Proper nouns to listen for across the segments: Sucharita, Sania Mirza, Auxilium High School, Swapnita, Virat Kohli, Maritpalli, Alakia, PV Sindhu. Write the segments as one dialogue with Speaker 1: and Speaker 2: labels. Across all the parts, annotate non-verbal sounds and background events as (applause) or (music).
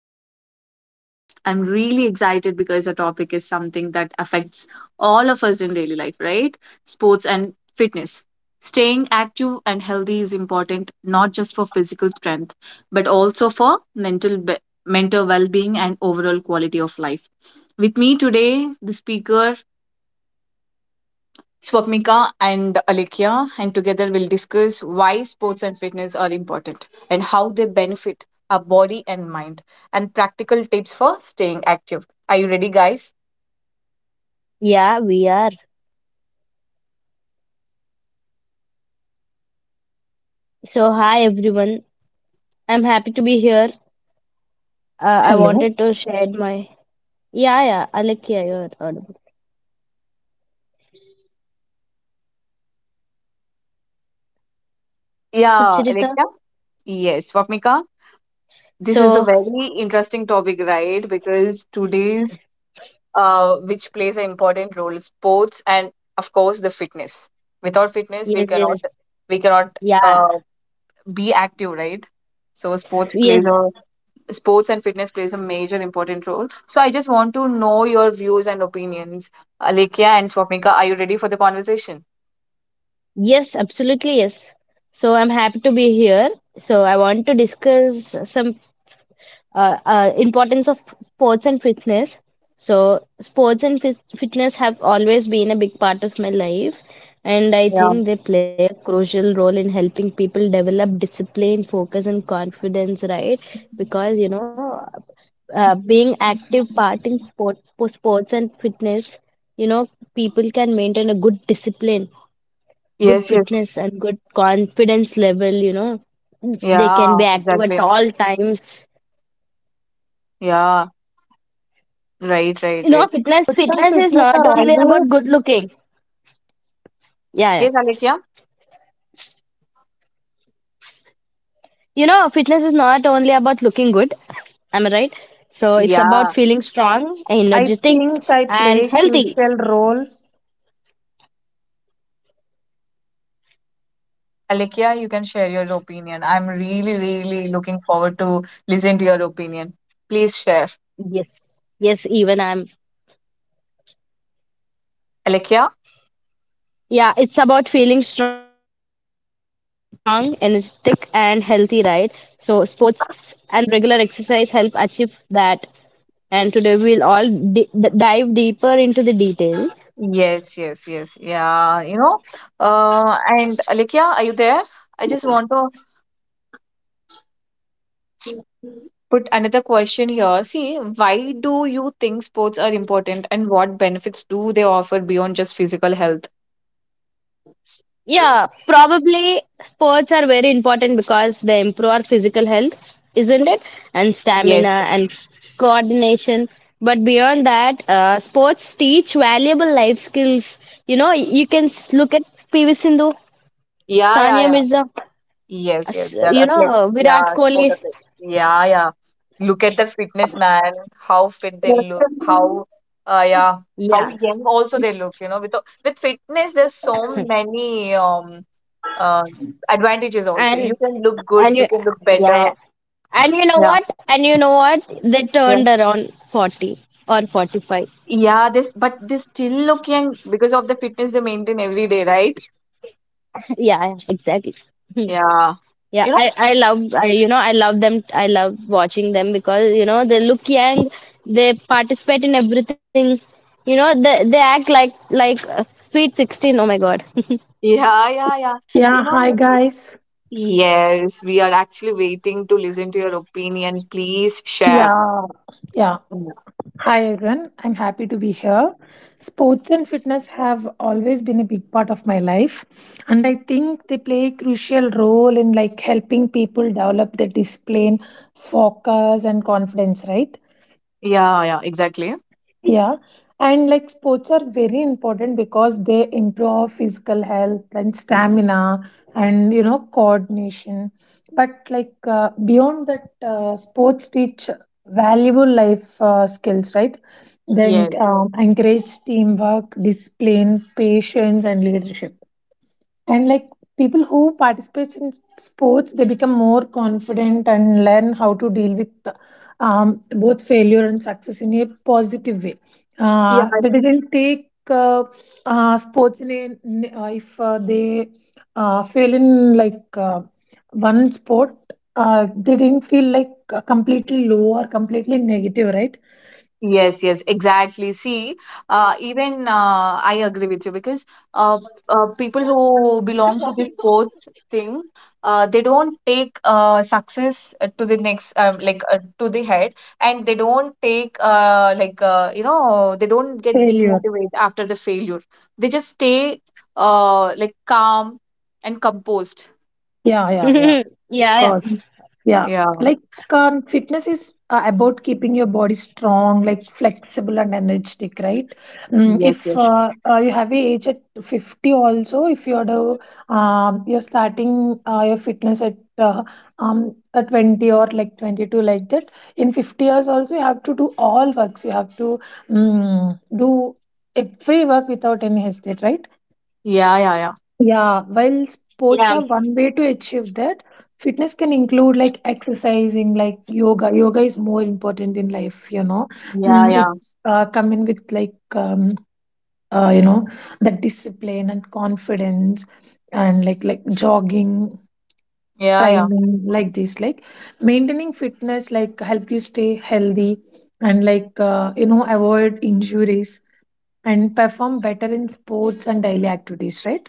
Speaker 1: to today's podcast. I'm really excited because the topic is something that affects all of us in daily life, right? Sports and fitness. Staying active and healthy is important not just for physical strength, but also for mental well-being and overall quality of life. With me today, the speaker Swapnika and Alekhya, and together we'll discuss why sports and fitness are important and how they benefit our body and mind, and practical tips for staying active. Are you ready, guys?
Speaker 2: Yeah, we are. So, hi everyone. I'm happy to be here. I
Speaker 3: Hello.
Speaker 2: wanted to share my. Yeah, yeah, Alekia, you're audible. So,
Speaker 1: Yeah,
Speaker 2: Charita.
Speaker 1: Alekhya? Yes, Swapnika. This is a
Speaker 2: So,
Speaker 1: very interesting topic, right? Because which plays an important role, sports and of course the fitness. Without fitness, we
Speaker 2: yes,
Speaker 1: cannot
Speaker 2: yes,
Speaker 1: we cannot
Speaker 2: yeah,
Speaker 1: uh, be active, right? So
Speaker 2: yes,
Speaker 1: sports and fitness plays a major important role. So I just want to know your views and opinions. Alekia and Swapnika, are you ready for the conversation?
Speaker 2: yes, absolutely, yes. So, I'm happy to be here. So, I want to discuss some importance of sports and fitness. So, sports and fitness have always been a big part of my life, and I
Speaker 1: Yeah.
Speaker 2: think they play a crucial role in helping people develop discipline, focus, and confidence, right? Because, being active part in sports for sports and fitness, you know people can maintain a good discipline, good
Speaker 1: Yes, yes.
Speaker 2: fitness, and good confidence level, they can
Speaker 1: Yeah,
Speaker 2: be active at
Speaker 1: exactly.
Speaker 2: all times.
Speaker 1: Yeah. Right, right,
Speaker 2: You know,
Speaker 1: right.
Speaker 2: fitness
Speaker 3: Sports and
Speaker 2: fitness is
Speaker 3: fitness
Speaker 2: not
Speaker 3: are
Speaker 2: only about
Speaker 3: always,
Speaker 2: good looking. Yeah, yeah.
Speaker 1: Yes, Alekia?
Speaker 2: You know, fitness is not only about looking good. (laughs) Am I right? So it's
Speaker 1: Yeah.
Speaker 2: about feeling strong,
Speaker 3: I
Speaker 2: energetic,
Speaker 3: think I
Speaker 2: and
Speaker 3: play
Speaker 2: healthy.
Speaker 3: crucial role.
Speaker 1: Alekia, you can share your opinion. I'm really, really looking forward to listen to your opinion. Please share.
Speaker 2: Yes. Yes,
Speaker 1: Alekia?
Speaker 2: it's about feeling strong, energetic, and healthy, right? So sports and regular exercise help achieve that. And today we'll all di d dive deeper into the details.
Speaker 1: Yes, yes, yes. Yeah. And Alekia, are you there? I just want to put another question here. See, why do you think sports are important and what benefits do they offer beyond just physical health?
Speaker 2: Yeah, probably sports are very important because they improve our physical health, isn't it? And
Speaker 1: Yes.
Speaker 2: stamina and coordination. But beyond that, sports teach valuable life skills. You know, you can look at PV Sindhu,
Speaker 1: Yeah, yeah,
Speaker 2: Sania
Speaker 1: yeah.
Speaker 2: Mirza,
Speaker 1: Yes, yes. They're athletes. Yeah,
Speaker 2: Virat
Speaker 1: sport
Speaker 2: Kohli.
Speaker 1: athletes. Yeah, yeah. Look at the fitness man, how fit they look, uh yeah, how
Speaker 2: Yeah,
Speaker 1: young also they look, you know. With fitness, there's so many uh advantages also. You
Speaker 2: and
Speaker 1: can look good, you
Speaker 2: and
Speaker 1: can look
Speaker 2: yeah,
Speaker 1: better.
Speaker 2: yeah, and you know what?
Speaker 1: Yeah.
Speaker 2: And you know what? They turned
Speaker 1: Yeah.
Speaker 2: around 40 or 45.
Speaker 1: Yeah, this but they still look young because of the fitness they maintain every day, right?
Speaker 2: (laughs) Yeah, yeah, exactly. Hmm.
Speaker 1: Yeah.
Speaker 2: Yeah,
Speaker 1: You
Speaker 2: I
Speaker 1: know?
Speaker 2: I love I love them. I love watching them because they look young, they participate in everything. You know, they act like sweet sixteen. Oh my God. (laughs)
Speaker 1: Yeah, yeah, yeah. You
Speaker 3: Yeah, hi
Speaker 1: know,
Speaker 3: guys.
Speaker 1: yes, we are actually waiting to listen to your opinion. Please share.
Speaker 3: Yeah, yeah.
Speaker 1: Yeah,
Speaker 3: Hi everyone. I'm happy to be here. Sports and fitness have always been a big part of my life, and I think they play a crucial role in like helping people develop their discipline, focus, and confidence, right?
Speaker 1: yeah, yeah, exactly.
Speaker 3: Yeah. And like sports are very important because they improve physical health and stamina and, you know, coordination. But like beyond that, sports teach valuable life skills, right? They
Speaker 1: Yes.
Speaker 3: encourage teamwork, discipline, patience, and leadership, and like people who participate in sports, they become more confident and learn how to deal with both failure and success in a positive way.
Speaker 1: Yeah.
Speaker 3: They didn't take sports in a, in if they fail in like one sport. They didn't feel like completely low or completely negative, right?
Speaker 1: Yes, yes, exactly. See, even I agree with you because uh, people who belong to this sports thing, they don't take success to the next, like to the head, and they don't take you know they don't get
Speaker 3: Failure.
Speaker 1: demotivated after the failure. They just stay like calm and composed.
Speaker 3: Yeah, yeah, yeah,
Speaker 2: Yeah,
Speaker 3: of
Speaker 2: yeah,
Speaker 3: course.
Speaker 1: Mm.
Speaker 3: Yeah,
Speaker 1: Yeah.
Speaker 3: like fitness is about keeping your body strong, like flexible and energetic, right?
Speaker 1: Yes.
Speaker 3: If
Speaker 1: Yes.
Speaker 3: you have a age at 50 also, if you're the, you're starting your fitness at 20 or like 22 like that, in 50 years also you have to do all works. You have to do every work without any hesitate, right?
Speaker 1: Yeah. Yeah. Yeah.
Speaker 3: Yeah, while sports
Speaker 2: yeah.
Speaker 3: are one way to achieve that, fitness can include like exercising, like yoga. Yoga is more important in life, you know.
Speaker 1: Yeah. Yeah.
Speaker 3: It's coming with like you know, that discipline and confidence, and like jogging,
Speaker 1: Yeah. Yeah.
Speaker 3: climbing, like this. Like maintaining fitness, like help you stay healthy and like you know, avoid injuries and perform better in sports and daily activities, right?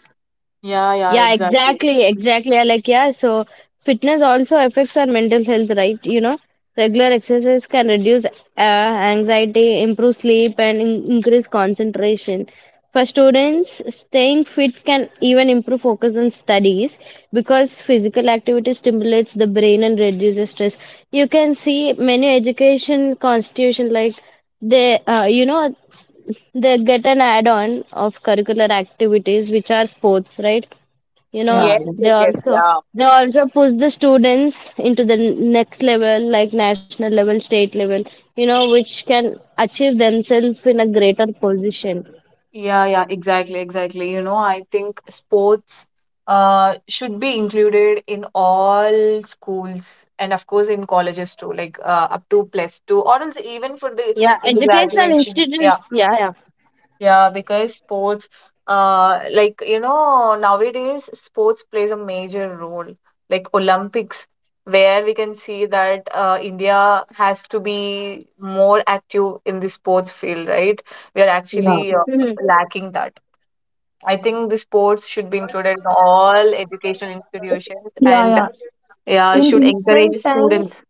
Speaker 1: Yeah. Yeah,
Speaker 2: Yeah,
Speaker 1: exactly.
Speaker 2: exactly, exactly. So fitness also affects our mental health, right? You know, regular exercise can reduce anxiety, improve sleep, and in increase concentration. For students, staying fit can even improve focus on studies because physical activity stimulates the brain and reduces stress. You can see many education constitution like they, uh, you know, they get an add-on of curricular activities, which are sports, right? You know,
Speaker 3: Yeah.
Speaker 1: Yes,
Speaker 2: they
Speaker 1: yes, yes,
Speaker 2: also
Speaker 1: yeah.
Speaker 2: they also push the students into the next level, like national level, state level. You know, which can achieve themselves in a greater position.
Speaker 1: Yeah, yeah, exactly, exactly. You know, I think sports should be included in all schools and of course in colleges too, like up to plus two or else even for the
Speaker 2: Yeah,
Speaker 1: in the
Speaker 2: educational
Speaker 1: graduation. Yeah.
Speaker 2: institutes. Yeah,
Speaker 1: Yeah, because sports, you know, nowadays sports plays a major role, like Olympics, where we can see that India has to be more active in the sports field, right? We are
Speaker 3: Yeah, yeah.
Speaker 1: actually
Speaker 2: yeah.
Speaker 1: lacking that. I think the sports should be included in all educational institutions
Speaker 3: Yeah,
Speaker 1: and
Speaker 3: yeah.
Speaker 1: yeah,
Speaker 3: In
Speaker 1: should
Speaker 3: recent
Speaker 1: encourage students.
Speaker 3: times,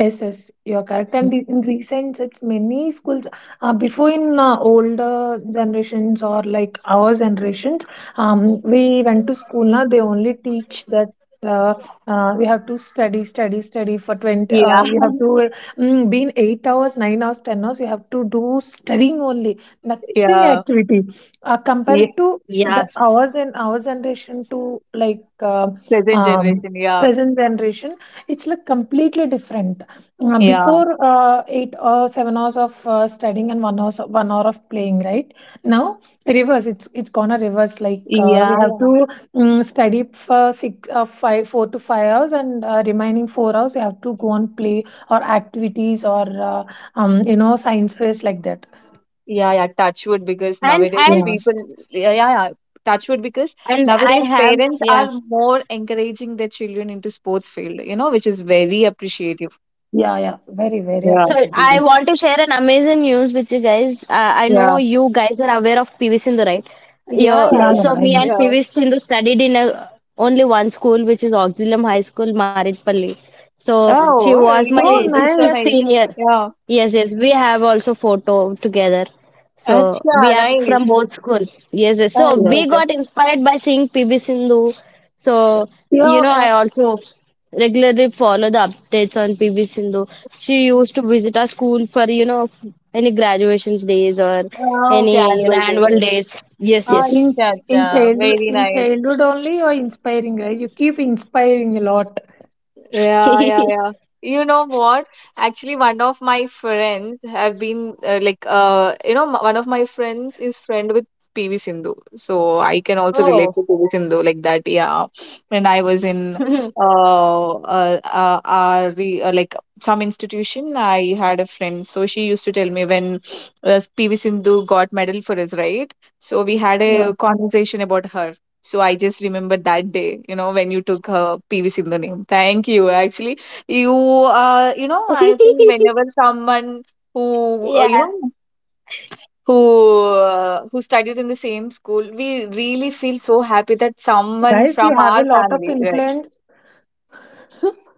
Speaker 3: yes, yes, you're correct. And in recent, it's many schools. Before in older generations or like our generations, we went to school. Now they only teach that. Uh, we have to study, study, study for 20.
Speaker 1: Yeah,
Speaker 3: We have to be in 8 hours, 9 hours, 10 hours. We have to do studying only,
Speaker 1: (laughs)
Speaker 3: nothing
Speaker 1: yeah,
Speaker 3: activity.
Speaker 1: yeah,
Speaker 3: Compared to the ours and our generation to like
Speaker 1: present
Speaker 3: um,
Speaker 1: generation, yeah,
Speaker 3: present generation, it's like completely different.
Speaker 1: yeah,
Speaker 3: Before 8 or 7 hours of studying and one hour of playing, right? Now reverse. It's gonna reverse. Like we
Speaker 1: yeah,
Speaker 3: have
Speaker 1: yeah.
Speaker 3: to study for six, five, 4 to 5 hours, and remaining 4 hours we have to go and play or activities or you know, science fairs like that.
Speaker 1: Yeah, yeah, touch wood because
Speaker 2: And
Speaker 1: nowadays
Speaker 2: and
Speaker 3: Yeah,
Speaker 1: people, yeah, yeah, yeah, touch wood because
Speaker 2: and I
Speaker 1: nowadays
Speaker 2: have
Speaker 1: parents
Speaker 2: yeah.
Speaker 1: are more encouraging their children into sports field, you know, which is very appreciative.
Speaker 3: yeah, yeah. Very very
Speaker 1: Yeah,
Speaker 2: So
Speaker 3: appreciative.
Speaker 2: I
Speaker 3: Yes.
Speaker 2: want to share an amazing news with you guys. I know
Speaker 1: yeah,
Speaker 2: you guys are aware of PV Sindhu, right?
Speaker 1: yeah, yeah,
Speaker 3: Yeah,
Speaker 1: yeah,
Speaker 3: yeah.
Speaker 2: So
Speaker 3: I
Speaker 2: me
Speaker 3: know.
Speaker 2: and
Speaker 1: yeah.
Speaker 2: PV Sindhu studied only one school, which is Auxilium High School, Maritpalli. So she
Speaker 1: Oh,
Speaker 2: was my
Speaker 3: Oh,
Speaker 1: really? That's
Speaker 2: sister
Speaker 1: so
Speaker 3: nice.
Speaker 1: nice.
Speaker 2: senior.
Speaker 1: Yeah.
Speaker 2: Yes, yes, we have also photo together. So
Speaker 1: Acha,
Speaker 2: we are
Speaker 1: nice.
Speaker 2: from both school. Yes, yes. So
Speaker 1: Acha,
Speaker 3: Yeah.
Speaker 2: we
Speaker 1: acha.
Speaker 2: got inspired by seeing PV Sindhu. So,
Speaker 3: Yeah.
Speaker 2: I also regularly follow the updates on PV Sindhu. She used to visit our school for any graduations days or
Speaker 1: Ah, okay,
Speaker 2: any
Speaker 1: annual day.
Speaker 2: annual days. Yes,
Speaker 3: Yeah.
Speaker 2: yes.
Speaker 3: In
Speaker 1: Acha,
Speaker 3: in
Speaker 1: acha.
Speaker 3: childhood
Speaker 1: Very
Speaker 3: in
Speaker 1: nice.
Speaker 3: childhood only you're inspiring, right? You keep inspiring a lot.
Speaker 1: Yeah, yeah, yeah.
Speaker 2: (laughs)
Speaker 1: You know what? Actually, one of my friends have been like you know, m- one of my friends is friend with PV Sindhu, so I can also relate
Speaker 2: Oh.
Speaker 1: to PV Sindhu like that. Yeah, when I was in
Speaker 2: (laughs)
Speaker 1: re, like some institution, I had a friend, so she used to tell me when PV Sindhu got medal for us, right? So we had
Speaker 3: Yeah.
Speaker 1: a conversation about her. So I just remember that day, you know, when you took her PV Sindhu name. Thank you. Actually, you know, I think whenever someone who you know
Speaker 2: Yeah.
Speaker 1: who studied in the same school, we really feel so happy that someone
Speaker 3: Guys,
Speaker 1: from
Speaker 3: you have a
Speaker 1: our
Speaker 3: lot of
Speaker 1: family, right?
Speaker 3: influence.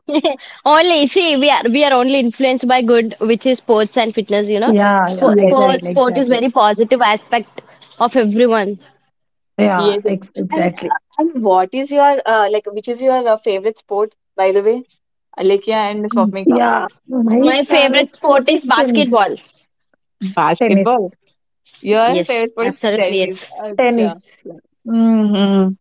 Speaker 2: (laughs) Only see, we are only influenced by good, which is sports and fitness. You know,
Speaker 3: Yeah, yeah,
Speaker 2: Spo-
Speaker 1: Yes, yes,
Speaker 2: sports
Speaker 3: exactly,
Speaker 2: sport is
Speaker 3: exactly.
Speaker 2: very positive aspect of everyone.
Speaker 3: Yeah,
Speaker 1: yes. Yes.
Speaker 3: ex-
Speaker 1: And
Speaker 3: exactly.
Speaker 1: what is your Which is your favorite sport, by the way, Alekia and Swapnika?
Speaker 3: Yeah, my
Speaker 2: My favorite
Speaker 3: favorite
Speaker 2: sport
Speaker 3: sport
Speaker 2: is
Speaker 3: is tennis.
Speaker 2: basketball.
Speaker 3: Tennis.
Speaker 1: Basketball. Your
Speaker 2: Yes,
Speaker 1: favorite sport is
Speaker 2: absolutely
Speaker 1: tennis.
Speaker 2: yes.
Speaker 1: Acha.
Speaker 3: Tennis.
Speaker 1: Mm-hmm.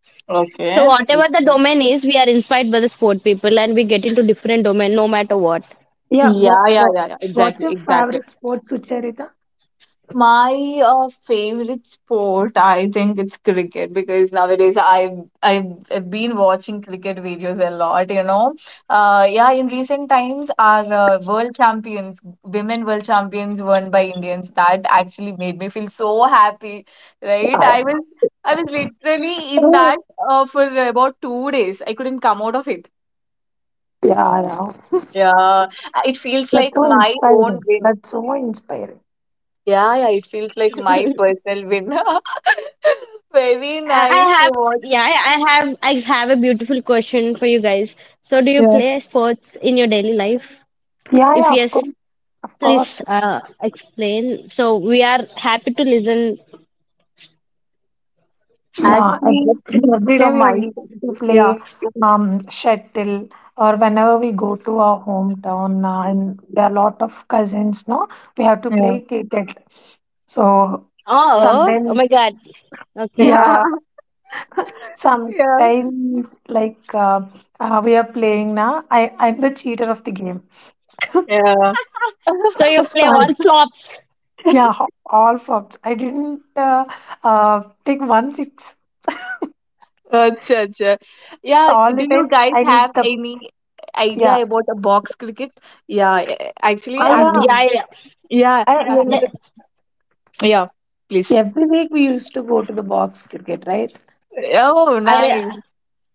Speaker 2: So
Speaker 1: Okay.
Speaker 2: whatever the
Speaker 1: Okay.
Speaker 2: domain is, we are inspired by the sport people, and we get into different domain no matter what.
Speaker 3: Yeah,
Speaker 1: Yeah, yeah, yeah, yeah.
Speaker 3: what's
Speaker 1: Exactly,
Speaker 3: your
Speaker 1: exactly.
Speaker 3: favorite sport, Sucharita?
Speaker 1: My favorite sport, I think it's cricket because nowadays I've I've been watching cricket videos a lot, you know. Yeah, in recent times, our women world champions, won by Indians. That actually made me feel so happy, right?
Speaker 3: Yeah,
Speaker 1: I was literally in
Speaker 3: yeah,
Speaker 1: that for about 2 days. I couldn't come out of it.
Speaker 3: yeah, yeah.
Speaker 1: Yeah. It feels
Speaker 3: That's
Speaker 1: like
Speaker 3: so
Speaker 1: my own
Speaker 3: inspiring.
Speaker 1: win.
Speaker 3: That's so inspiring.
Speaker 1: Yeah, yeah, it feels like my personal win. (laughs) Very
Speaker 2: I
Speaker 1: nice
Speaker 2: I
Speaker 1: to
Speaker 2: have
Speaker 1: watch.
Speaker 2: yeah, I have a beautiful question for you guys. So do you
Speaker 1: Yeah,
Speaker 2: play sports in your daily life?
Speaker 3: Yeah,
Speaker 2: If
Speaker 3: yeah, of
Speaker 2: yes,
Speaker 3: course. Of course.
Speaker 2: please explain. So we are happy to listen.
Speaker 3: Yeah, and
Speaker 1: actually,
Speaker 3: every day
Speaker 1: from
Speaker 3: we are
Speaker 1: my
Speaker 3: we
Speaker 1: side.
Speaker 3: used to
Speaker 1: Yeah,
Speaker 3: play shuttle, or whenever we go to our hometown and there are a lot of cousins, no? We have to
Speaker 1: yeah,
Speaker 3: play cricket. So
Speaker 2: Oh, oh
Speaker 3: sometimes,
Speaker 2: my God.
Speaker 1: (laughs)
Speaker 2: Okay.
Speaker 1: yeah,
Speaker 3: yeah,
Speaker 1: yeah,
Speaker 3: sometimes like we are playing now. I'm the cheater of the game.
Speaker 1: yeah.
Speaker 2: So
Speaker 1: (laughs)
Speaker 2: you
Speaker 3: (laughs)
Speaker 2: play
Speaker 3: Some
Speaker 1: I-
Speaker 2: all flops.
Speaker 3: yeah, ho- all flops. I didn't take one six
Speaker 1: Acha, acha. Yeah,
Speaker 3: all
Speaker 1: do
Speaker 3: the
Speaker 1: you
Speaker 3: time.
Speaker 1: guys
Speaker 3: I
Speaker 1: have
Speaker 3: missed the,
Speaker 1: any
Speaker 3: yeah.
Speaker 1: idea about a box cricket? Yeah, eh, actually,
Speaker 3: Ah
Speaker 1: after
Speaker 3: yeah.
Speaker 2: Yeah, yeah.
Speaker 1: yeah,
Speaker 3: I,
Speaker 1: after
Speaker 3: yeah.
Speaker 1: the
Speaker 2: The-
Speaker 1: yeah, please.
Speaker 3: Every week we used to go to the box cricket, right?
Speaker 1: Oh, nice.
Speaker 2: I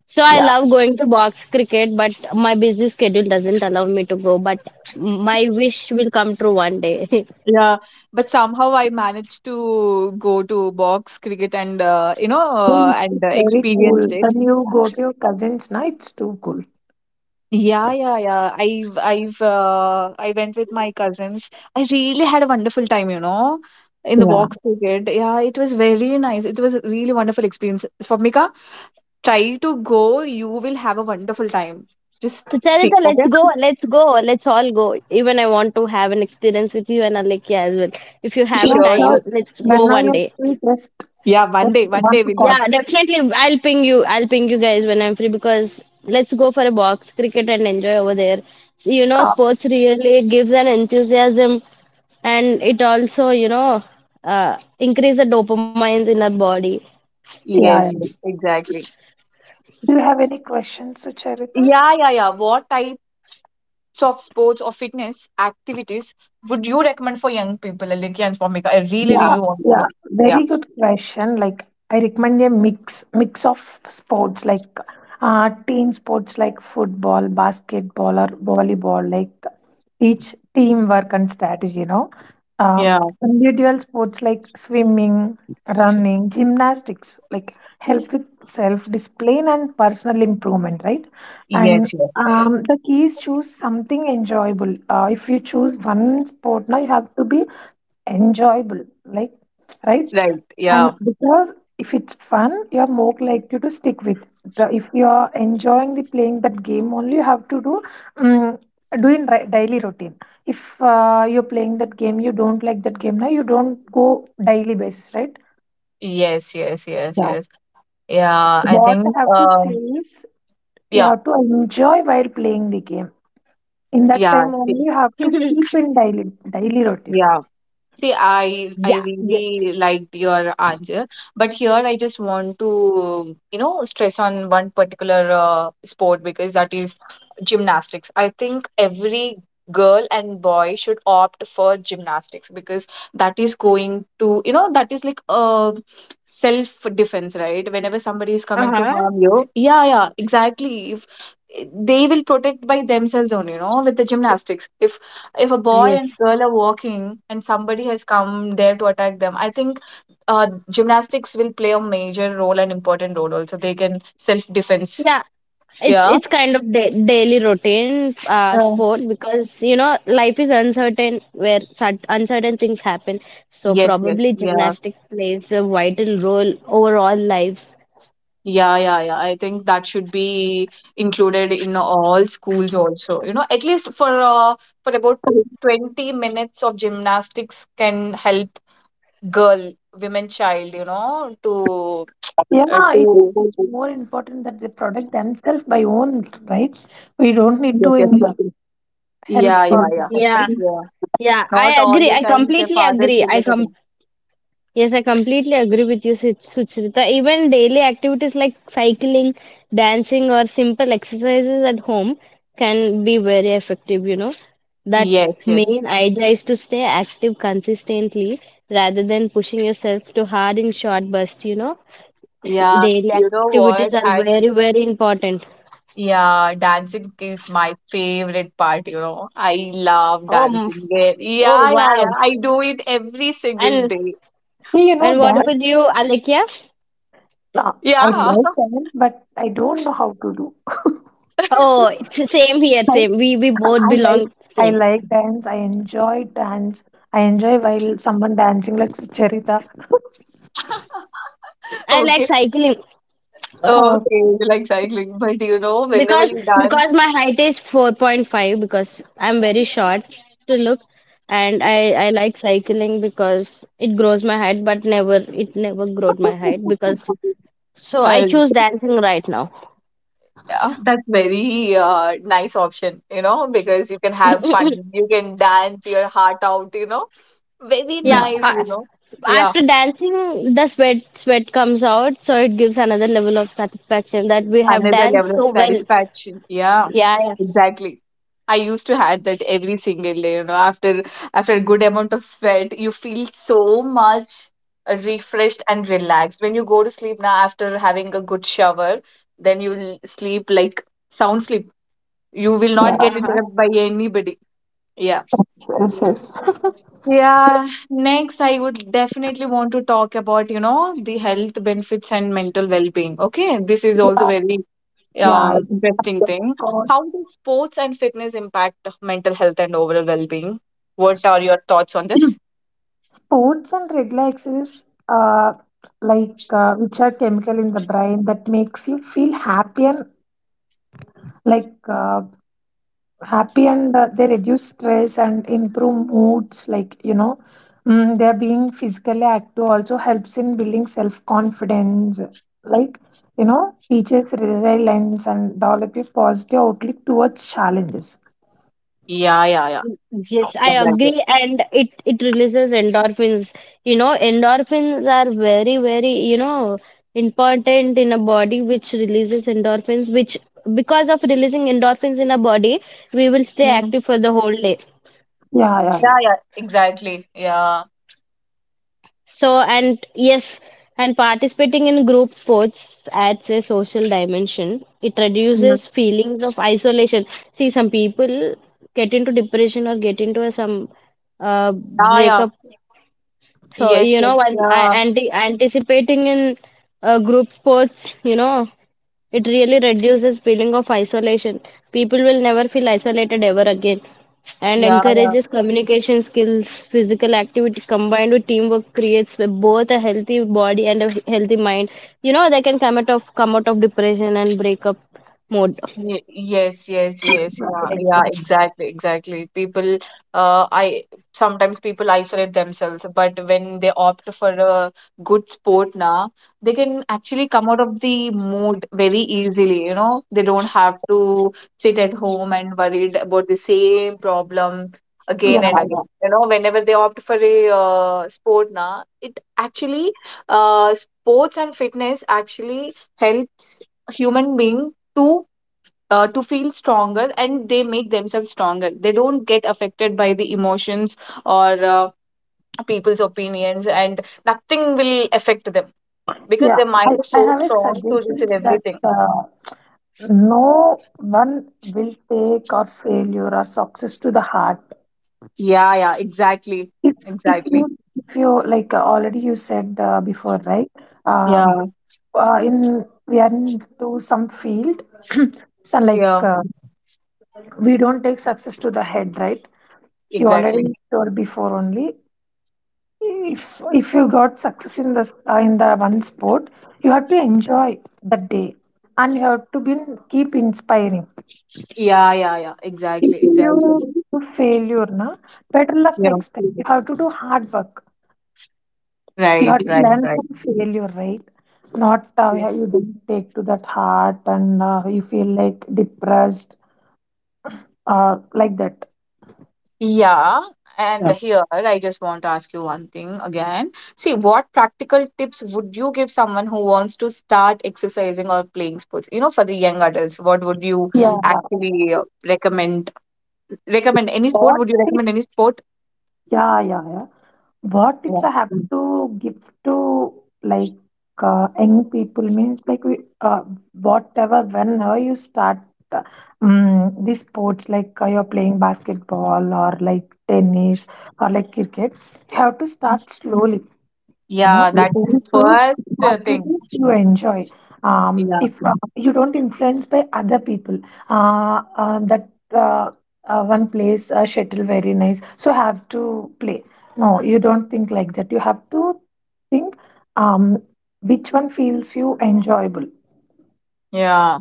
Speaker 2: so I
Speaker 3: Yeah.
Speaker 2: love going to box cricket, but my busy schedule doesn't allow me to go. But my wish will come true one day. (laughs)
Speaker 1: Yeah, but somehow I managed to go to box cricket and
Speaker 3: Oh, It's, it's very
Speaker 1: experienced
Speaker 3: cool.
Speaker 1: it.
Speaker 3: When you go to your cousin's night, it's too cool.
Speaker 1: Yeah, yeah, yeah. I went with my cousins. I really had a wonderful time, you know, in the
Speaker 3: Yeah.
Speaker 1: box cricket. Yeah, it was very nice. It was a really wonderful experience. Swapnika, try to go. You will have a wonderful time. Just
Speaker 2: So,
Speaker 1: see,
Speaker 2: Charita, let's
Speaker 1: okay?
Speaker 2: go, let's go, let's all go. Even I want to have an experience with you and Alekia as well. If you have a
Speaker 3: Yeah,
Speaker 1: Sure,
Speaker 3: sir.
Speaker 2: time,
Speaker 1: sure.
Speaker 2: let's
Speaker 3: When
Speaker 2: go
Speaker 3: are
Speaker 2: one
Speaker 3: you
Speaker 2: day.
Speaker 3: free?
Speaker 1: Yeah,
Speaker 3: Just
Speaker 1: one
Speaker 3: one
Speaker 1: day
Speaker 3: to call.
Speaker 1: we'll.
Speaker 2: Yeah, definitely. I'll ping you. I'll ping you guys when I'm free because let's go for a box cricket and enjoy over there. So,
Speaker 3: Ah,
Speaker 2: sports really gives an enthusiasm, and it also, increase the dopamines in our body.
Speaker 3: yeah,
Speaker 1: Yes, yes,
Speaker 3: yeah.
Speaker 1: exactly.
Speaker 3: Do you have any questions, Sucharita?
Speaker 1: Yeah, yeah, yeah. What type of sports or fitness activities would you recommend for young people, Alikya and Swamika? I really,
Speaker 3: Yeah,
Speaker 1: really want to
Speaker 3: yeah.
Speaker 1: know. Yeah.
Speaker 3: Very good question. Like I recommend a mix of sports like team sports like football, basketball or volleyball. Like teach teamwork and strategy, you know. Uh,
Speaker 1: Yeah.
Speaker 3: individual sports like swimming, running, gymnastics, like help with self discipline and personal improvement, right? And
Speaker 1: Yes. Yes.
Speaker 3: the key is choose something enjoyable. If you choose one sport, now you have to be enjoyable, like, right?
Speaker 1: Right.
Speaker 3: And
Speaker 1: Yeah.
Speaker 3: because if it's fun, you're more likely to stick with. The- If you're enjoying the playing that game only, you have to do um, doing daily routine. If you're playing that game, you don't like that game now, you don't go daily basis, right?
Speaker 1: Yes. Yes. Yes.
Speaker 3: Yeah.
Speaker 1: Yes. Yeah.
Speaker 3: So
Speaker 1: I
Speaker 3: what
Speaker 1: think.
Speaker 3: I have to say is you
Speaker 1: Yeah.
Speaker 3: have to enjoy while playing the game. In that
Speaker 1: Yeah.
Speaker 3: time only,
Speaker 1: See.
Speaker 3: you have to
Speaker 2: (laughs)
Speaker 3: keep in daily routine.
Speaker 1: Yeah. See, I
Speaker 2: Yeah,
Speaker 1: I
Speaker 2: yes,
Speaker 1: really liked your answer, but here I just want to, you know, stress on one particular sport because that is gymnastics. I think every girl and boy should opt for gymnastics because that is going to, you know, that is like a self-defense, right? Whenever somebody is coming to harm you, yeah, yeah, exactly. If they will protect by themselves only, you know, with the gymnastics. If a boy and
Speaker 2: yes.
Speaker 1: girl are walking and somebody has come there to attack them, I think gymnastics will play a major role and important role also. They can self defense.
Speaker 2: Yeah, it's
Speaker 1: Yeah.
Speaker 2: it's kind of da daily routine
Speaker 1: Yeah.
Speaker 2: sport because life is uncertain where uncertain things happen. So
Speaker 1: Yes, yes,
Speaker 2: probably
Speaker 1: yeah.
Speaker 2: gymnastic plays a vital role over all lives.
Speaker 1: Yeah, yeah, yeah. I think that should be included in all schools also. You know, at least for about 20 minutes of gymnastics can help girl, women, child, you know,
Speaker 3: Yeah, it
Speaker 1: to
Speaker 3: is more important that the product themselves by own, right? We don't need
Speaker 1: yes,
Speaker 3: to
Speaker 1: yes.
Speaker 3: invest help
Speaker 1: Yeah, yeah,
Speaker 3: on the
Speaker 1: yeah.
Speaker 2: Yeah,
Speaker 3: second.
Speaker 1: Yeah.
Speaker 2: yeah,
Speaker 1: Not
Speaker 2: I
Speaker 1: all
Speaker 2: agree.
Speaker 1: the
Speaker 2: I
Speaker 1: time their
Speaker 2: completely
Speaker 1: fathers
Speaker 2: agree.
Speaker 1: will be
Speaker 2: I
Speaker 1: good.
Speaker 2: com Yes, I completely agree with you, Suchrita. Even daily activities like cycling, dancing, or simple exercises at home can be very effective. That
Speaker 1: Yes, yes.
Speaker 2: main idea is to stay active consistently rather than pushing yourself too hard in short bursts. See,
Speaker 1: Yeah,
Speaker 2: daily
Speaker 1: you know what?
Speaker 2: activities are very, very important.
Speaker 1: Dancing is my favorite part, you know. I love
Speaker 2: Oh,
Speaker 1: dancing. Yeah, yeah, yeah.
Speaker 2: wow.
Speaker 1: Yeah. I do it every single
Speaker 2: And
Speaker 1: day.
Speaker 3: Hey, you know
Speaker 2: and what
Speaker 3: that
Speaker 2: about you, Alekia?
Speaker 3: uh, I
Speaker 1: Yeah.
Speaker 3: like dance, but I don't know how to do. (laughs)
Speaker 2: Oh, (laughs)
Speaker 1: (laughs)
Speaker 2: it's the same here,
Speaker 3: I,
Speaker 2: same. We both
Speaker 3: I like
Speaker 2: belong
Speaker 3: I
Speaker 2: same.
Speaker 3: like dance. I enjoy dance. I enjoy while someone dancing like Charita. (laughs)
Speaker 2: I like
Speaker 1: Okay.
Speaker 2: cycling
Speaker 1: Okay,
Speaker 3: So,
Speaker 1: you like cycling, but you know, whenever
Speaker 2: because
Speaker 1: you dance,
Speaker 2: because my height is 4.5 because I'm very short to look, and I like cycling because it grows my height, but never it never growed my height,
Speaker 3: (laughs)
Speaker 2: because so I
Speaker 1: uh,
Speaker 2: choose dancing right now.
Speaker 1: yeah, that's very nice option, you know, because you can have fun, you can dance your heart out, you know. Very
Speaker 2: Yeah,
Speaker 3: yeah,
Speaker 1: nice, you know. Yeah,
Speaker 2: after dancing the sweat comes out, so it gives another level of satisfaction that we have
Speaker 1: another
Speaker 2: danced
Speaker 1: level of
Speaker 2: so well.
Speaker 1: satisfaction. Yeah,
Speaker 2: Yeah, yeah.
Speaker 1: exactly. I used to had that every single day, you know, after a good amount of sweat, you feel so much refreshed and relaxed. When you go to sleep now after having a good shower, then you'll sleep like sound sleep. You will not
Speaker 3: yeah,
Speaker 1: get
Speaker 2: Uh-huh.
Speaker 1: interrupted by anybody. Yeah.
Speaker 3: yes, yes, yes. (laughs)
Speaker 1: Yeah, next I would definitely want to talk about, you know, the health benefits and mental well-being. Okay, this is also
Speaker 3: Yeah,
Speaker 1: very
Speaker 3: yeah. Yes,
Speaker 1: interesting
Speaker 3: of
Speaker 1: thing. How
Speaker 3: course.
Speaker 1: do sports and fitness impact the mental health and overall well-being? What are your thoughts on this?
Speaker 3: (clears throat) Sports and regular exercise, like which are chemical in the brain that makes you feel happy and like. Happy and they reduce stress and improve moods, like, you know. They're being physically active also helps in building self confidence, like, you know, teaches resilience and develop a positive outlook towards challenges.
Speaker 1: Yeah, yeah, yeah.
Speaker 2: Yes, I
Speaker 1: Exactly.
Speaker 2: agree, and it releases endorphins. You know, endorphins are very, very, important in a body which releases endorphins, which because of releasing endorphins in a body, we will stay
Speaker 1: Mm.
Speaker 2: active for the whole day.
Speaker 3: Yeah, yeah,
Speaker 1: Yeah,
Speaker 3: yeah,
Speaker 1: yeah. Exactly. Yeah.
Speaker 2: So, and yes, and participating in group sports adds a social dimension. It
Speaker 1: Mm.
Speaker 2: reduces feelings of isolation. See, some people get into depression or get into some
Speaker 1: Yeah, yeah.
Speaker 2: breakup. So,
Speaker 1: Yes, yes.
Speaker 2: while I
Speaker 1: Yeah,
Speaker 2: anticipating in group sports, it really reduces feeling of isolation. People will never feel isolated ever again and
Speaker 1: yeah, yeah.
Speaker 2: encourages communication skills. Physical activity combined with teamwork creates both a healthy body and a healthy mind. You know, they can come out of depression and breakup mode.
Speaker 1: Ye- Yes, yes, yes. Yeah, yeah,
Speaker 3: exactly,
Speaker 1: exactly, exactly. People, I sometimes people isolate themselves, but when they opt for a good sport now, they can actually come out of the mood very easily, you know. They don't have to sit at home and worried about the same problem
Speaker 3: yeah,
Speaker 1: again and
Speaker 3: yeah,
Speaker 1: again. You know, whenever they opt for a sport now, it actually, sports and fitness actually helps human being to feel stronger and they make themselves stronger they don't get affected by the emotions or people's opinions and nothing will affect them because
Speaker 3: yeah.
Speaker 1: their mind is
Speaker 3: I
Speaker 1: so
Speaker 3: have a
Speaker 1: strong to receive
Speaker 3: suggestions that
Speaker 1: everything
Speaker 3: no one will take or failure or success to the heart.
Speaker 1: yeah yeah exactly
Speaker 3: If if you
Speaker 1: exactly
Speaker 3: if you like, already you said before, right?
Speaker 1: yeah
Speaker 3: Um, in we are into some field, (clears throat) so like
Speaker 1: yeah
Speaker 3: we don't take success to the head, right? You
Speaker 1: exactly
Speaker 3: already told before only. If you got success in the one sport, you have to enjoy that day, and you have to be keep inspiring.
Speaker 1: yeah yeah yeah
Speaker 3: If
Speaker 1: exactly
Speaker 3: you
Speaker 1: exactly
Speaker 3: do failure, na, better luck
Speaker 1: yeah
Speaker 3: next time. You have to do hard work. You have
Speaker 1: right
Speaker 3: to
Speaker 1: right
Speaker 3: learn
Speaker 1: right.
Speaker 3: from failure, right? Not yeah, you don't take to that heart and you feel like depressed, like that.
Speaker 1: Yeah, and
Speaker 3: Yeah.
Speaker 1: here I just want to ask you one thing again. See, what practical tips would you give someone who wants to start exercising or playing sports? You know, for the young adults, what would you
Speaker 3: Yeah, yeah.
Speaker 1: actually recommend? Recommend any sport?
Speaker 3: What
Speaker 1: Would you
Speaker 3: tip?
Speaker 1: recommend any sport?
Speaker 3: Yeah, yeah, yeah. What tips
Speaker 1: Yeah,
Speaker 3: I have, to give to like young people means like we, whatever whenever you start uh, these sports like you're playing basketball or like tennis or like cricket, you have to start slowly. You know,
Speaker 1: yeah, that is
Speaker 3: you
Speaker 1: the
Speaker 3: choose
Speaker 1: first thing.
Speaker 3: activities you enjoy.
Speaker 1: Yeah.
Speaker 3: If you don't influence by other people, that one plays shuttle very nice so have to play, no, you don't think like that. You have to think, um, which one feels you enjoyable,
Speaker 1: Yeah,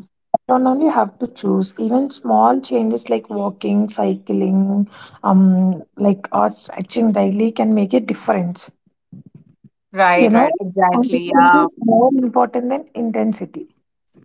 Speaker 3: not only have to choose. Even small changes like walking, cycling, like or stretching daily can make a difference. You
Speaker 1: right,
Speaker 3: know,
Speaker 1: right, exactly.
Speaker 3: consistency
Speaker 1: Yeah.
Speaker 3: is more important than intensity.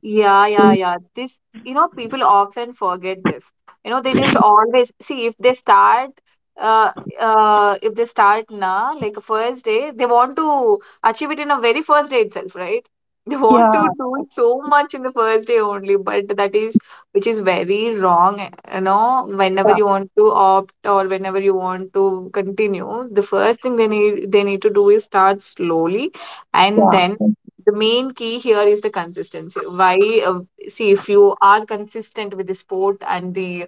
Speaker 1: Yeah, yeah, yeah. This, you know, people often forget this. You know, they just always see uh, if they start na like a first day, they want to achieve it in a very first day itself, right? (laughs) They want
Speaker 3: Yeah.
Speaker 1: to do so much in the first day only, but that is which is very wrong. You know, whenever
Speaker 3: Yeah.
Speaker 1: you want to opt or whenever you want to continue, the first thing they need to do is start slowly, and
Speaker 3: Yeah.
Speaker 1: then the main key here is the consistency. Why? uh, See, if you are consistent with the sport and the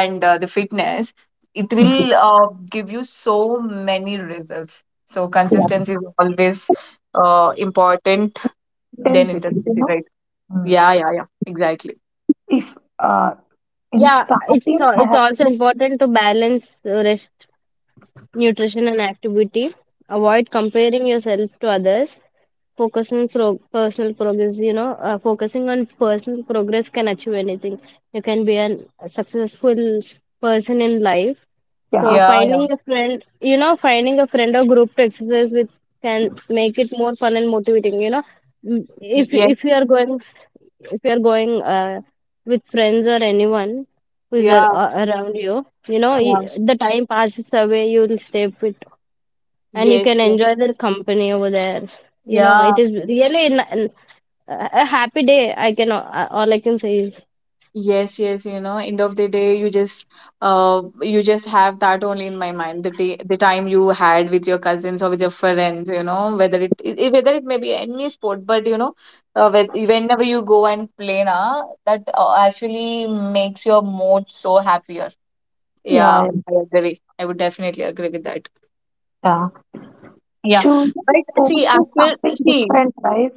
Speaker 1: and uh, the fitness, it
Speaker 3: Mhm.
Speaker 1: will give you so many results. So
Speaker 3: Yeah.
Speaker 1: consistency is always important than
Speaker 3: Intensity, you
Speaker 1: intensity,
Speaker 3: know.
Speaker 1: right?
Speaker 3: Mm.
Speaker 1: Yeah, yeah, yeah, exactly.
Speaker 3: If in
Speaker 2: Yeah,
Speaker 3: starting I
Speaker 2: it's
Speaker 3: have
Speaker 2: also
Speaker 3: to,
Speaker 2: important to balance rest, nutrition, and activity. Avoid comparing yourself to others. Focus on personal progress. You know, focusing on personal progress can achieve anything. You can be a successful person in life, so
Speaker 3: yeah,
Speaker 1: Yeah, yeah.
Speaker 2: finding a friend or group to exercise with can make it more fun and motivating. You know,
Speaker 1: Y-
Speaker 2: if
Speaker 1: yes
Speaker 2: if you are going, if you are going uh, with friends or anyone who is
Speaker 1: yeah,
Speaker 2: around you, you know, y
Speaker 1: yeah,
Speaker 2: the time passes away. You will stay with, and you
Speaker 1: yes,
Speaker 2: can
Speaker 1: yes,
Speaker 2: enjoy their company over there. You know,
Speaker 1: yeah.
Speaker 2: it is really a happy day. I can all I can say is
Speaker 1: Yes, yes, you know, end of the day, you just have that only in my mind, the day, the time you had with your cousins or with your friends, you know, whether it may be any sport, but you know, whenever you go and play na, that actually makes your mood so happier.
Speaker 3: yeah,
Speaker 1: Yeah,
Speaker 3: yeah,
Speaker 1: I agree. I would definitely agree with that.
Speaker 3: yeah.
Speaker 1: Yeah,
Speaker 3: Choosing
Speaker 1: but see,
Speaker 3: sports is
Speaker 1: after
Speaker 3: something
Speaker 1: see,
Speaker 3: different, right?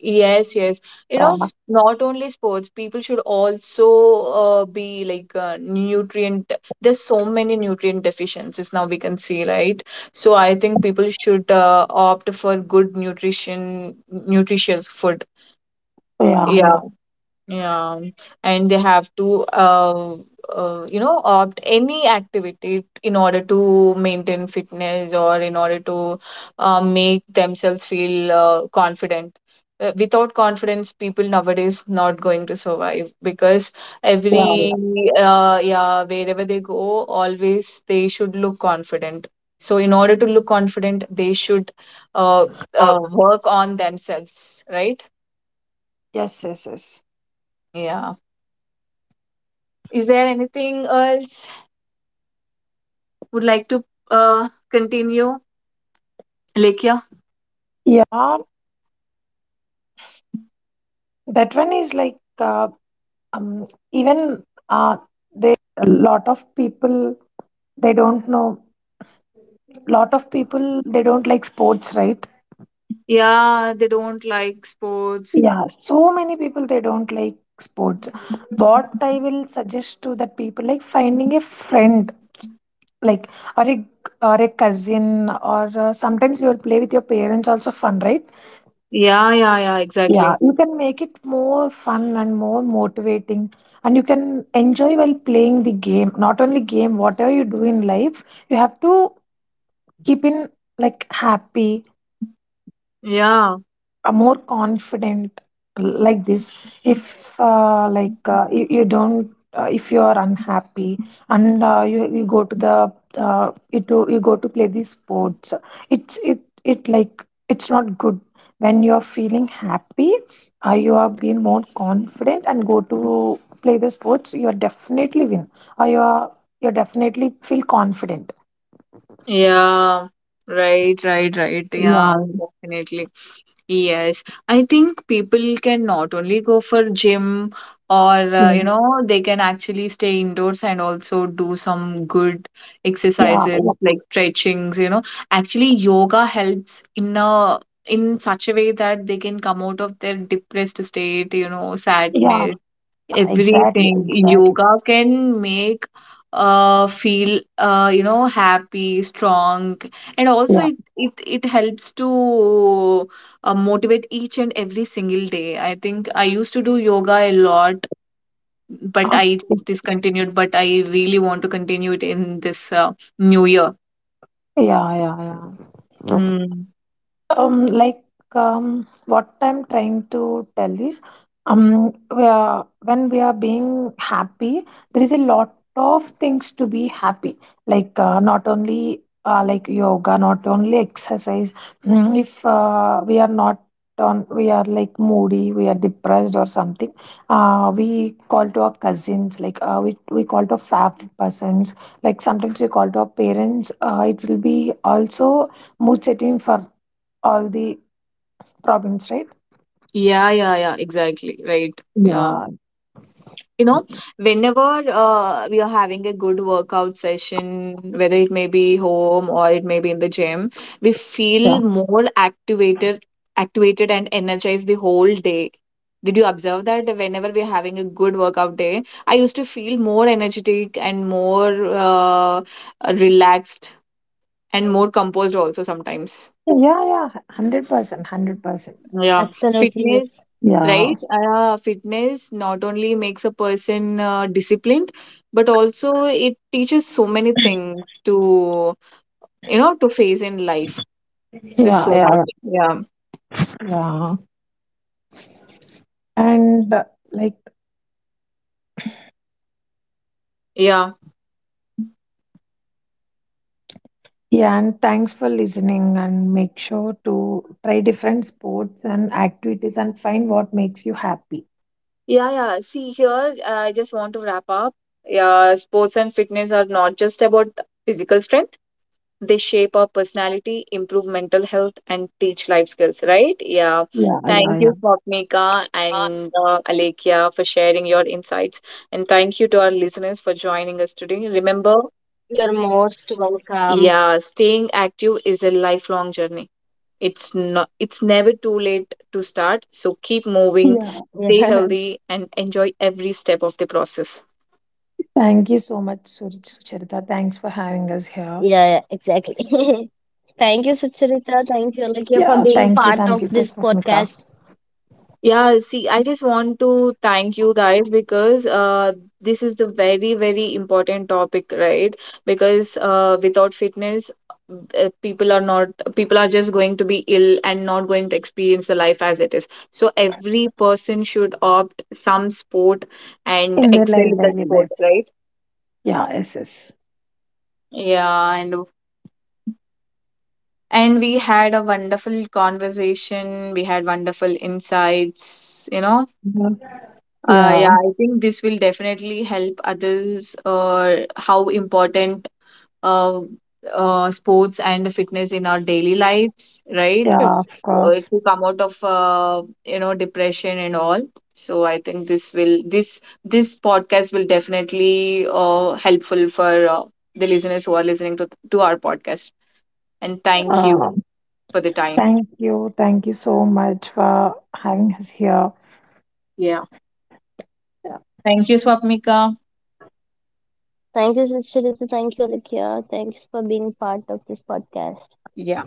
Speaker 1: yes, yes. You know,
Speaker 3: Yeah,
Speaker 1: not only sports, people should also be like nutrient. There's so many nutrient deficiencies now we can see, right? So I think people should opt for good nutrition, nutritious food.
Speaker 3: yeah,
Speaker 1: Yeah.
Speaker 3: yeah,
Speaker 1: Yeah, and they have to, you know, opt any activity in order to maintain fitness or in order to make themselves feel confident. Without confidence, people nowadays not going to survive, because every,
Speaker 3: yeah.
Speaker 1: yeah, wherever they go, always they should look confident. So in order to look confident, they should uh, work on themselves, right? Yeah. Is there
Speaker 2: absolutely
Speaker 1: anything
Speaker 2: right.
Speaker 1: else would like to continue?
Speaker 2: So
Speaker 1: Lekia? Yeah,
Speaker 2: yeah, yeah. Okay, take over, Alekia.
Speaker 3: Lot of people, they don't like sports, right?
Speaker 1: yeah, they don't like sports.
Speaker 3: Yeah, so many people, they don't like sports. What I will suggest to that people, like finding a friend, like, or a, or a cousin, or sometimes you will play with your parents also, fun, right?
Speaker 1: Yeah, yeah, yeah, exactly.
Speaker 3: Yeah. You can make it more fun and more motivating, and you can enjoy while playing the game, not only game. Whatever you do in life, you have to keep in, like, happy,
Speaker 1: Yeah.
Speaker 3: more confident, like this. If like you, you don't, if you are unhappy and you, you go to the, you, do, you go to play these sports, it's it it like it's not good. When you are feeling happy, you are being more confident and go to play the sports, you are definitely win, or you are, you definitely feel confident.
Speaker 1: Yeah, right, right, right. Yeah,
Speaker 3: Yeah,
Speaker 1: definitely. Yes, I think people can not only go for gym or
Speaker 3: yeah,
Speaker 1: you know, they can actually stay indoors and also do some good
Speaker 3: yeah,
Speaker 1: exercises like stretchings, you know. Actually, yoga helps in a in such a way that they can come out of their depressed state, you know,
Speaker 3: yeah,
Speaker 1: sadness,
Speaker 3: yeah, exactly,
Speaker 1: everything.
Speaker 3: exactly.
Speaker 1: Yoga can make feel you know happy, strong, and also it helps to motivate each and every single day. I think I used to do yoga a lot, but
Speaker 3: Okay.
Speaker 1: I just discontinued, but I really want to continue it in this new year.
Speaker 3: Ja, ja, ja.
Speaker 1: Mm.
Speaker 3: Like what I'm trying to tell is, we are, when we are being happy, there is a lot of things to be happy. Like not only like yoga, not only exercise. If we are not on, we are like moody, we are depressed or something. We call to our cousins, like we call to family persons. Like sometimes we call to our parents. It will be also mood setting for all the problems, right?
Speaker 1: Yeah, yeah, yeah, exactly, right. Yeah,
Speaker 3: Yeah,
Speaker 1: you know, whenever we are having a good workout session, whether it may be home or it may be in the gym, we
Speaker 3: yeah,
Speaker 1: feel more activated, and energized the whole day. Did you observe that whenever we're having a good workout day, I used to feel more energetic and more uh, relaxed and more composed also sometimes.
Speaker 3: yeah, yeah, 100%, 100%,
Speaker 1: Yeah. Fitness,
Speaker 4: Absolutely, yes.
Speaker 3: yeah,
Speaker 1: right. Fitness not only makes a person disciplined, but also it teaches so many things to, you know, to face in life. There's
Speaker 3: yeah,
Speaker 1: so much.
Speaker 3: yeah,
Speaker 1: Yeah,
Speaker 3: yeah. And like,
Speaker 1: yeah,
Speaker 3: yeah, and thanks for listening. And make sure to try different sports and activities and find what makes you happy.
Speaker 1: yeah. Yeah, see, here I just want to wrap up. Yeah, sports and fitness are not just about physical strength. They shape our personality, improve mental health, and teach life skills, right? Yeah.
Speaker 3: Yeah, yeah,
Speaker 1: Thank
Speaker 3: yeah.
Speaker 1: you, Swapnika, and Alekia, for sharing your insights. And thank you to our listeners for joining us today. Remember,
Speaker 4: You're most welcome.
Speaker 1: yeah, staying active is a lifelong journey. It's never too late
Speaker 4: Yeah, (laughs)
Speaker 1: to
Speaker 4: yeah,
Speaker 1: start. So keep moving,
Speaker 3: Yeah.
Speaker 1: stay healthy, and enjoy every step of the process.
Speaker 3: Thank you so much,
Speaker 4: yeah, exactly.
Speaker 3: Sucharita. Thanks
Speaker 4: (laughs)
Speaker 3: for having us
Speaker 4: Thank you,
Speaker 3: here.
Speaker 4: Sucharita. Thank you, Alakia, for being part of this podcast.
Speaker 3: Yeah, thank you. Thank you for Swapnita.
Speaker 1: Yeah, see, I just want to thank you guys because this is the very, very important topic, right? Because without fitness, people are not, people are just going to be ill and not going to experience the life as it is. So every person should opt some sport and
Speaker 3: In their
Speaker 1: excel
Speaker 3: life,
Speaker 1: in that
Speaker 3: daily
Speaker 1: sport,
Speaker 3: life.
Speaker 1: right?
Speaker 3: Yeah, yes, yes.
Speaker 1: Yeah, and we had a wonderful conversation. We had wonderful insights, you know.
Speaker 3: Yeah.
Speaker 1: Yeah,
Speaker 3: Yeah.
Speaker 1: I think this will definitely help others how important uh, sports and fitness in our daily lives,
Speaker 4: (laughs)
Speaker 1: right?
Speaker 3: Yeah. Of course.
Speaker 1: To come out of you know depression and all. So I think this podcast will definitely helpful for the listeners who are listening to our podcast. And thank you
Speaker 3: Um,
Speaker 1: for the time.
Speaker 3: Thank you. Thank you so much for having us here.
Speaker 1: Yeah. Thank you, Swapnika.
Speaker 4: Thank you, Sucharita. Thank you, Alakia. Thanks for being part of this podcast.
Speaker 1: Yeah.